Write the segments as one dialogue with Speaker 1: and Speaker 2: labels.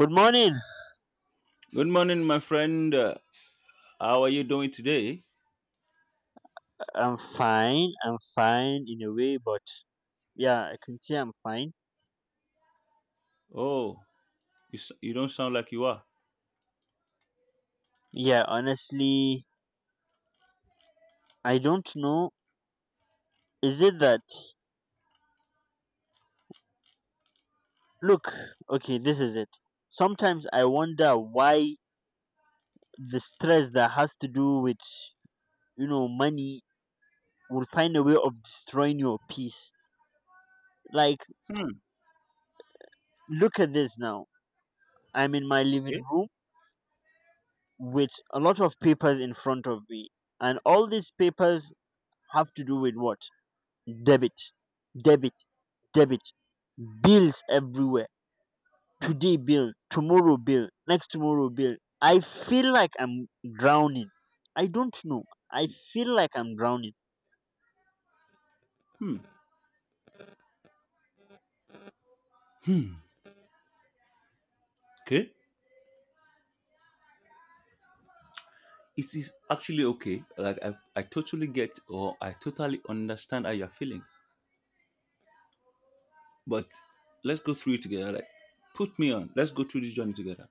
Speaker 1: Good morning.
Speaker 2: Good morning, my friend. How are you doing today?
Speaker 1: I'm fine. I'm fine in a way, but yeah, I can say I'm fine.
Speaker 2: Oh, you don't sound like you are.
Speaker 1: Yeah, honestly, I don't know. Is it that? Look, okay, this is it. Sometimes I wonder why the stress that has to do with, you know, money will find a way of destroying your peace. Like,
Speaker 2: Hmm.
Speaker 1: look at this now. I'm in my living
Speaker 2: Okay.
Speaker 1: room with a lot of papers in front of me, and all these papers have to do with what? Debit, debit, debit. Bills everywhere.
Speaker 2: Hmm.
Speaker 1: Today bill, tomorrow bill, next tomorrow bill. I feel like I'm drowning. I don't know. I feel like I'm drowning.
Speaker 2: Hmm. Okay. It is actually okay. Like I totally get or I totally understand how you're feeling. But let's go through it together. Like, put me on. Let's go through this journey together.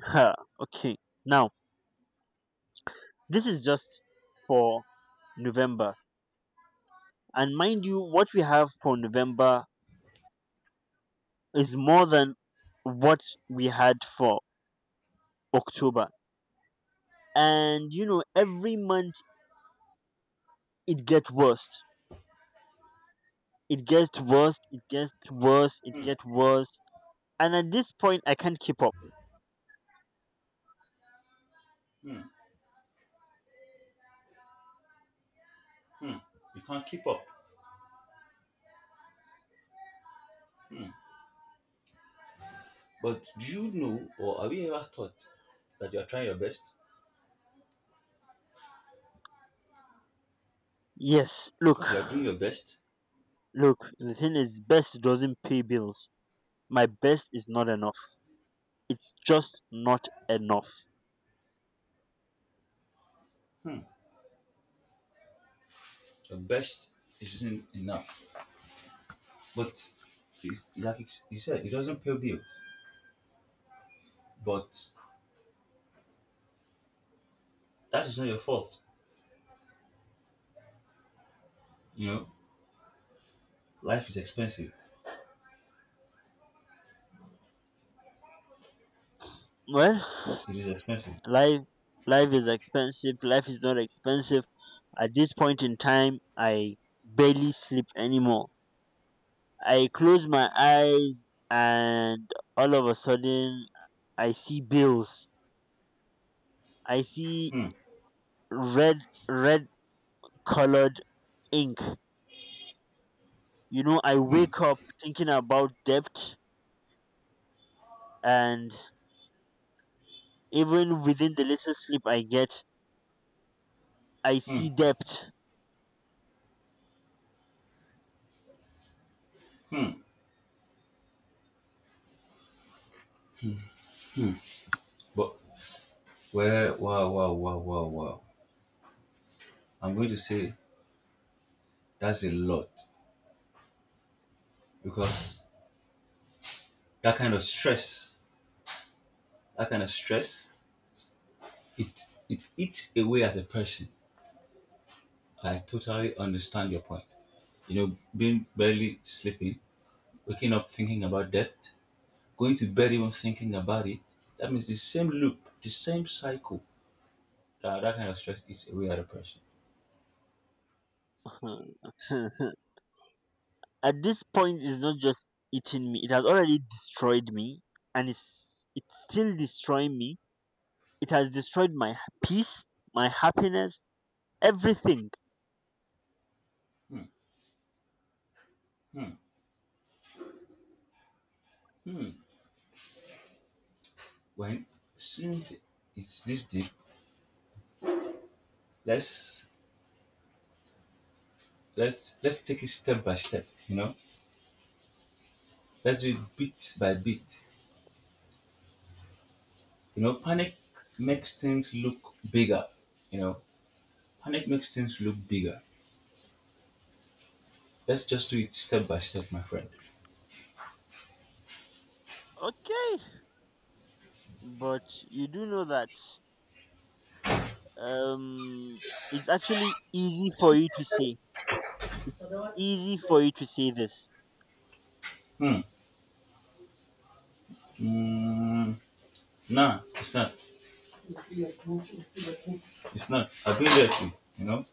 Speaker 1: Huh. Okay. Now, this is just for November. And mind you, what we have for November is more than what we had for October. And you know, every month it gets worse. It gets worse, it gets worse, it
Speaker 2: Hmm.
Speaker 1: gets worse. And at this point, I can't keep up.
Speaker 2: Hmm. Hmm. You can't keep up. Hmm. But do you know or have you ever thought that you are trying your best?
Speaker 1: Yes, look,
Speaker 2: That you are doing your best?
Speaker 1: look, the thing is, best doesn't pay bills. My best is not enough. It's just not enough.
Speaker 2: Hmm. Your best isn't enough. But like you said, it doesn't pay bills. But that is not your fault. You know, life is expensive.
Speaker 1: Well,
Speaker 2: It is expensive.
Speaker 1: life, life is expensive. Life is not expensive. At this point in time, I barely sleep anymore. I close my eyes, and all of a sudden, I see bills. I see
Speaker 2: Hmm.
Speaker 1: red, red colored ink. You know, I
Speaker 2: Hmm.
Speaker 1: wake up thinking about debt, and even within the little sleep I get, I see debt.
Speaker 2: But well, wow, wow, wow, wow, wow. I'm going to say that's a lot because that kind of stress, that kind of stress, it it eats away at a person. I totally understand your point. You know, being barely sleeping, waking up thinking about debt, going to bed even thinking about it, that means the same loop, the same cycle, that kind of stress eats away at a person.
Speaker 1: At this point, it's not just eating me, it has already destroyed me, and it's still destroying me. It has destroyed my peace, my happiness, everything.
Speaker 2: Hmm, hmm, hmm. When since it's this deep, let's let's take it step by step, you know? Let's do it bit by bit. You know, panic makes things look bigger, you know. Panic makes things look bigger. Let's just do it step by step, my friend.
Speaker 1: Okay, but you do know that um, it's actually easy for you to say. It's easy for you to say this.
Speaker 2: Hmm. Mm, nah, it's not. It's not. I've been there too, you know.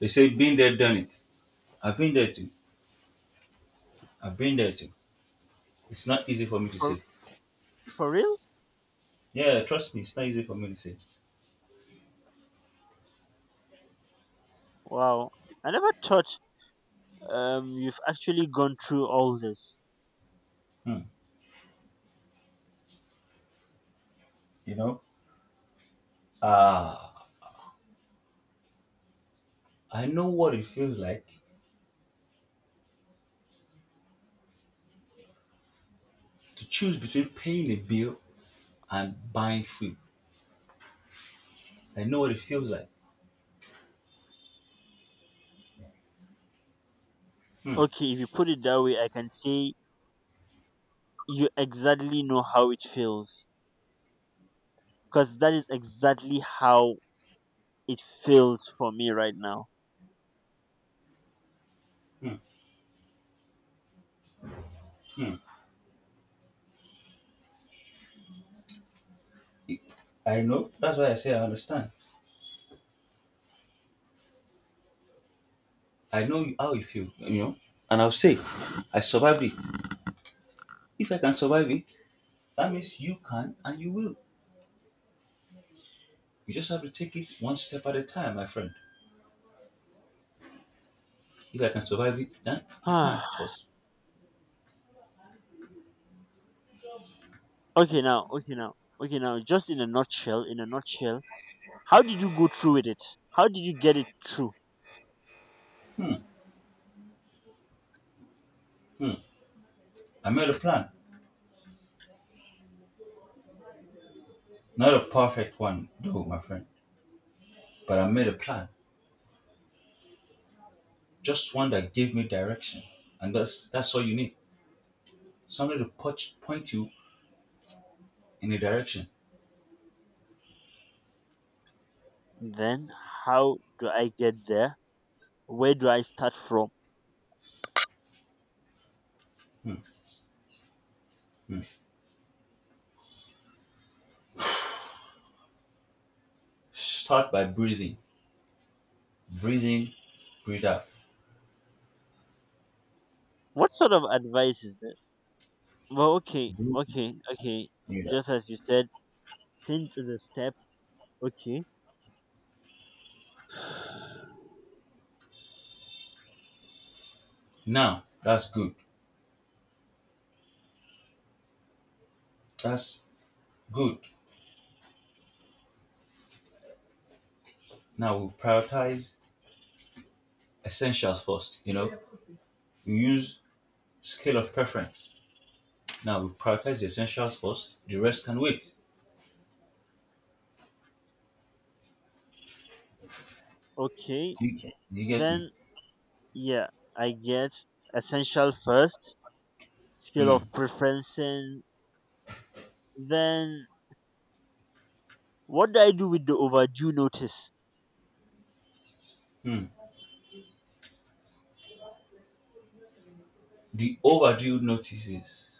Speaker 2: They say been there, done it. I've been there too. I've been there too. It's not easy for me to
Speaker 1: For
Speaker 2: say.
Speaker 1: for real?
Speaker 2: Yeah, trust me, it's not easy for me to say.
Speaker 1: Wow. I never thought you've actually gone through all this.
Speaker 2: Hmm. You know, uh, I know what it feels like to choose between paying a bill and buying food. I know what it feels like. Hmm.
Speaker 1: Okay, if you put it that way, I can say you exactly know how it feels because that is exactly how it feels for me right now.
Speaker 2: Hmm. Hmm. It- I know. That's why I say I understand. I know how you feel. You know, and I'll say, I survived it. If I can survive it, that means you can and you will. You just have to take it one step at a time, my friend. If I can survive it, then you can,
Speaker 1: Ah,
Speaker 2: of course.
Speaker 1: okay now, okay now. Okay now, just in a nutshell, how did you go through with it? How did you get it through?
Speaker 2: Hmm. Hmm. I made a plan. Not a perfect one, though, my friend. But I made a plan. Just one that gave me direction. And that's all you need. Something to put, point you in a direction.
Speaker 1: Then how do I get there? Where do I start from?
Speaker 2: Hmm. Hmm. Start by breathing. Breathe in, breathe out.
Speaker 1: What sort of advice is there? Well, okay,
Speaker 2: Breathe in,
Speaker 1: okay, okay.
Speaker 2: breathe out.
Speaker 1: Just as you said, since is a step, okay,
Speaker 2: Now, that's good. That's good. Now we'll prioritize essentials first, you know? We use scale of preference. Now we prioritize the essentials first. The rest can wait.
Speaker 1: okay.
Speaker 2: You get me?
Speaker 1: Then yeah, I get essential first, scale of
Speaker 2: Mm,
Speaker 1: preferencing. Then what do I do with the overdue notice?
Speaker 2: mm. The overdue notices,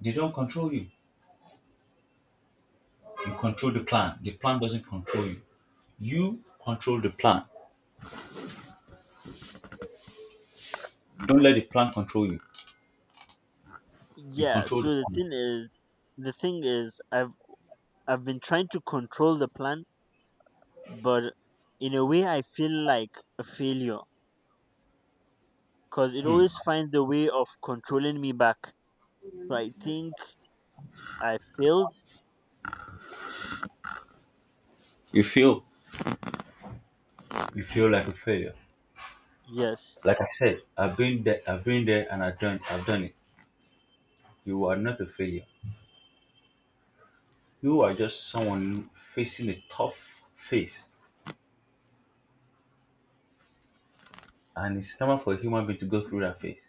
Speaker 2: they don't control you. You control the plan. The plan doesn't control you. You control the plan. Don't let the plan control you. You
Speaker 1: Yeah.
Speaker 2: control the
Speaker 1: So
Speaker 2: plan.
Speaker 1: the thing is, I've been trying to control the plan, but in a way, I feel like a failure because it always finds a way of controlling me back. So I think I failed.
Speaker 2: You feel you feel like a failure.
Speaker 1: Yes.
Speaker 2: Like I said, I've been there and I've done it. You are not a failure. You are just someone facing a tough phase. And it's normal for a human being to go through that phase.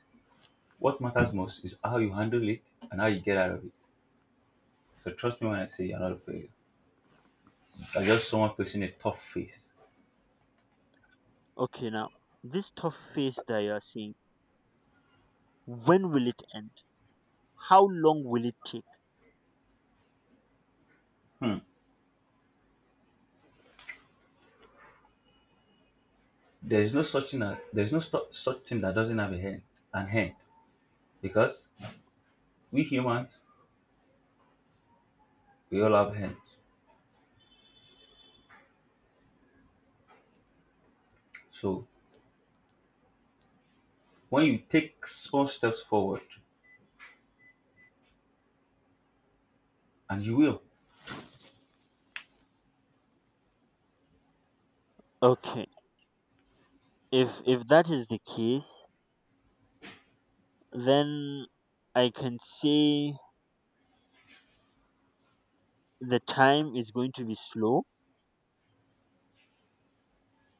Speaker 2: What matters most is how you handle it and how you get out of it. So trust me when I say you're not a failure. Or just someone facing a tough face.
Speaker 1: Okay, now, this tough phase that you are seeing, when will it end? How long will it take?
Speaker 2: Hmm. There is no such thing that doesn't have a hand, an hand, because we humans, we all have hands. So when you take small steps forward, and you will,
Speaker 1: Okay. If that is the case, then I can say the time is going to be slow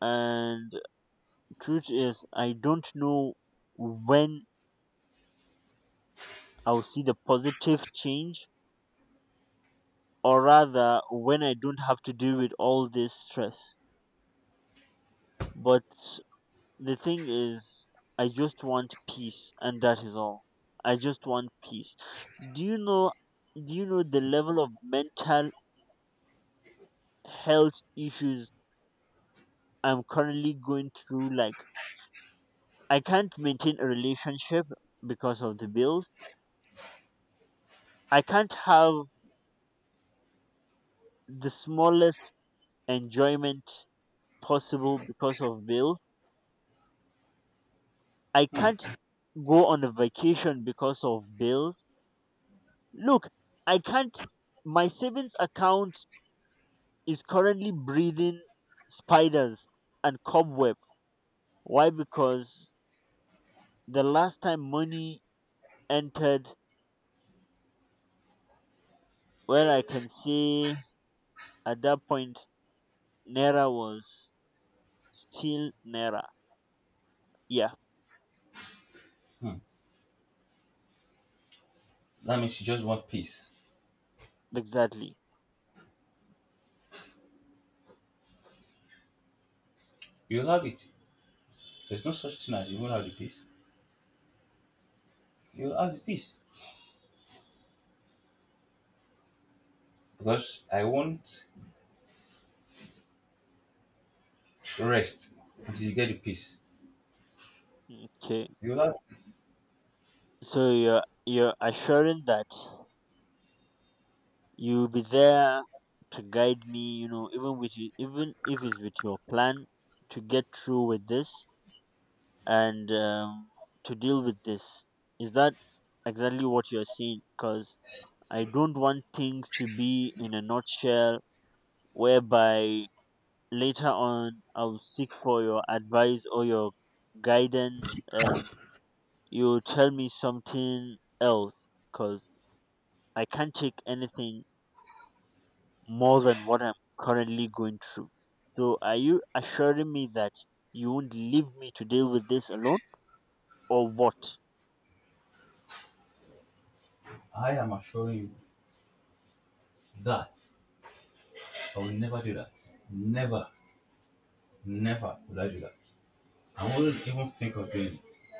Speaker 1: and truth is I don't know when I'll see the positive change or rather when I don't have to deal with all this stress. But the thing is, I just want peace and that is all. I just want peace. Do you know, do you know the level of mental health issues I'm currently going through? Like, I can't maintain a relationship because of the bills. I can't have the smallest enjoyment possible because of bills. I can't go on a vacation because of bills. Look, I can't. My savings account is currently breathing spiders and cobweb. Why? Because the last time money entered, well, I can say at that point, Naira was still Naira. Yeah,
Speaker 2: hmm, that means you just want peace.
Speaker 1: exactly.
Speaker 2: You'll have it. There's no such thing as you won't have the peace. You'll have the peace because I won't rest until you get the peace.
Speaker 1: Okay,
Speaker 2: You'll have.
Speaker 1: so you're assuring that you'll be there to guide me. You know, even with you, even if it's with your plan to get through with this and to deal with this, is that exactly what you're saying? Because I don't want things to be in a nutshell whereby later on I'll seek for your advice or your guidance and you'll tell me something else because I can't take anything more than what I'm currently going through. So are you assuring me that you won't leave me to deal with this alone or what?
Speaker 2: I am assuring you that I will never do that. Never, never will I do that. I wouldn't even think of doing it.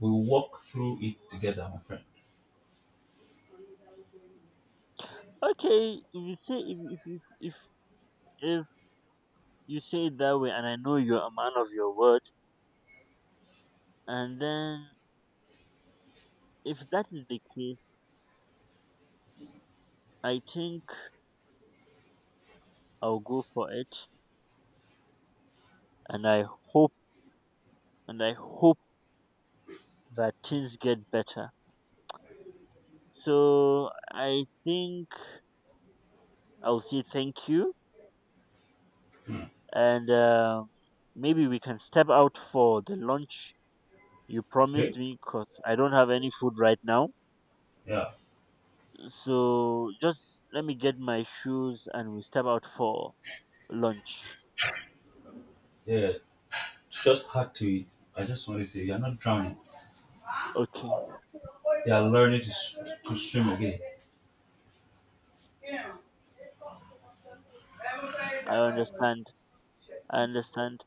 Speaker 2: We walk through it together, my friend.
Speaker 1: Okay, if you say if you say it that way, and I know you're a man of your word, and then if that is the case, I think I'll go for it, and hope I hope that things get better. So I think I'll say thank you, and maybe we can step out for the lunch you promised
Speaker 2: Okay?
Speaker 1: me, cause I don't have any food right now.
Speaker 2: Yeah.
Speaker 1: So just let me get my shoes and we step out for lunch.
Speaker 2: Yeah. Just hard to it. I just want to say you're not drowning.
Speaker 1: Okay,
Speaker 2: You are learning to swim again.
Speaker 1: I understand. I understand.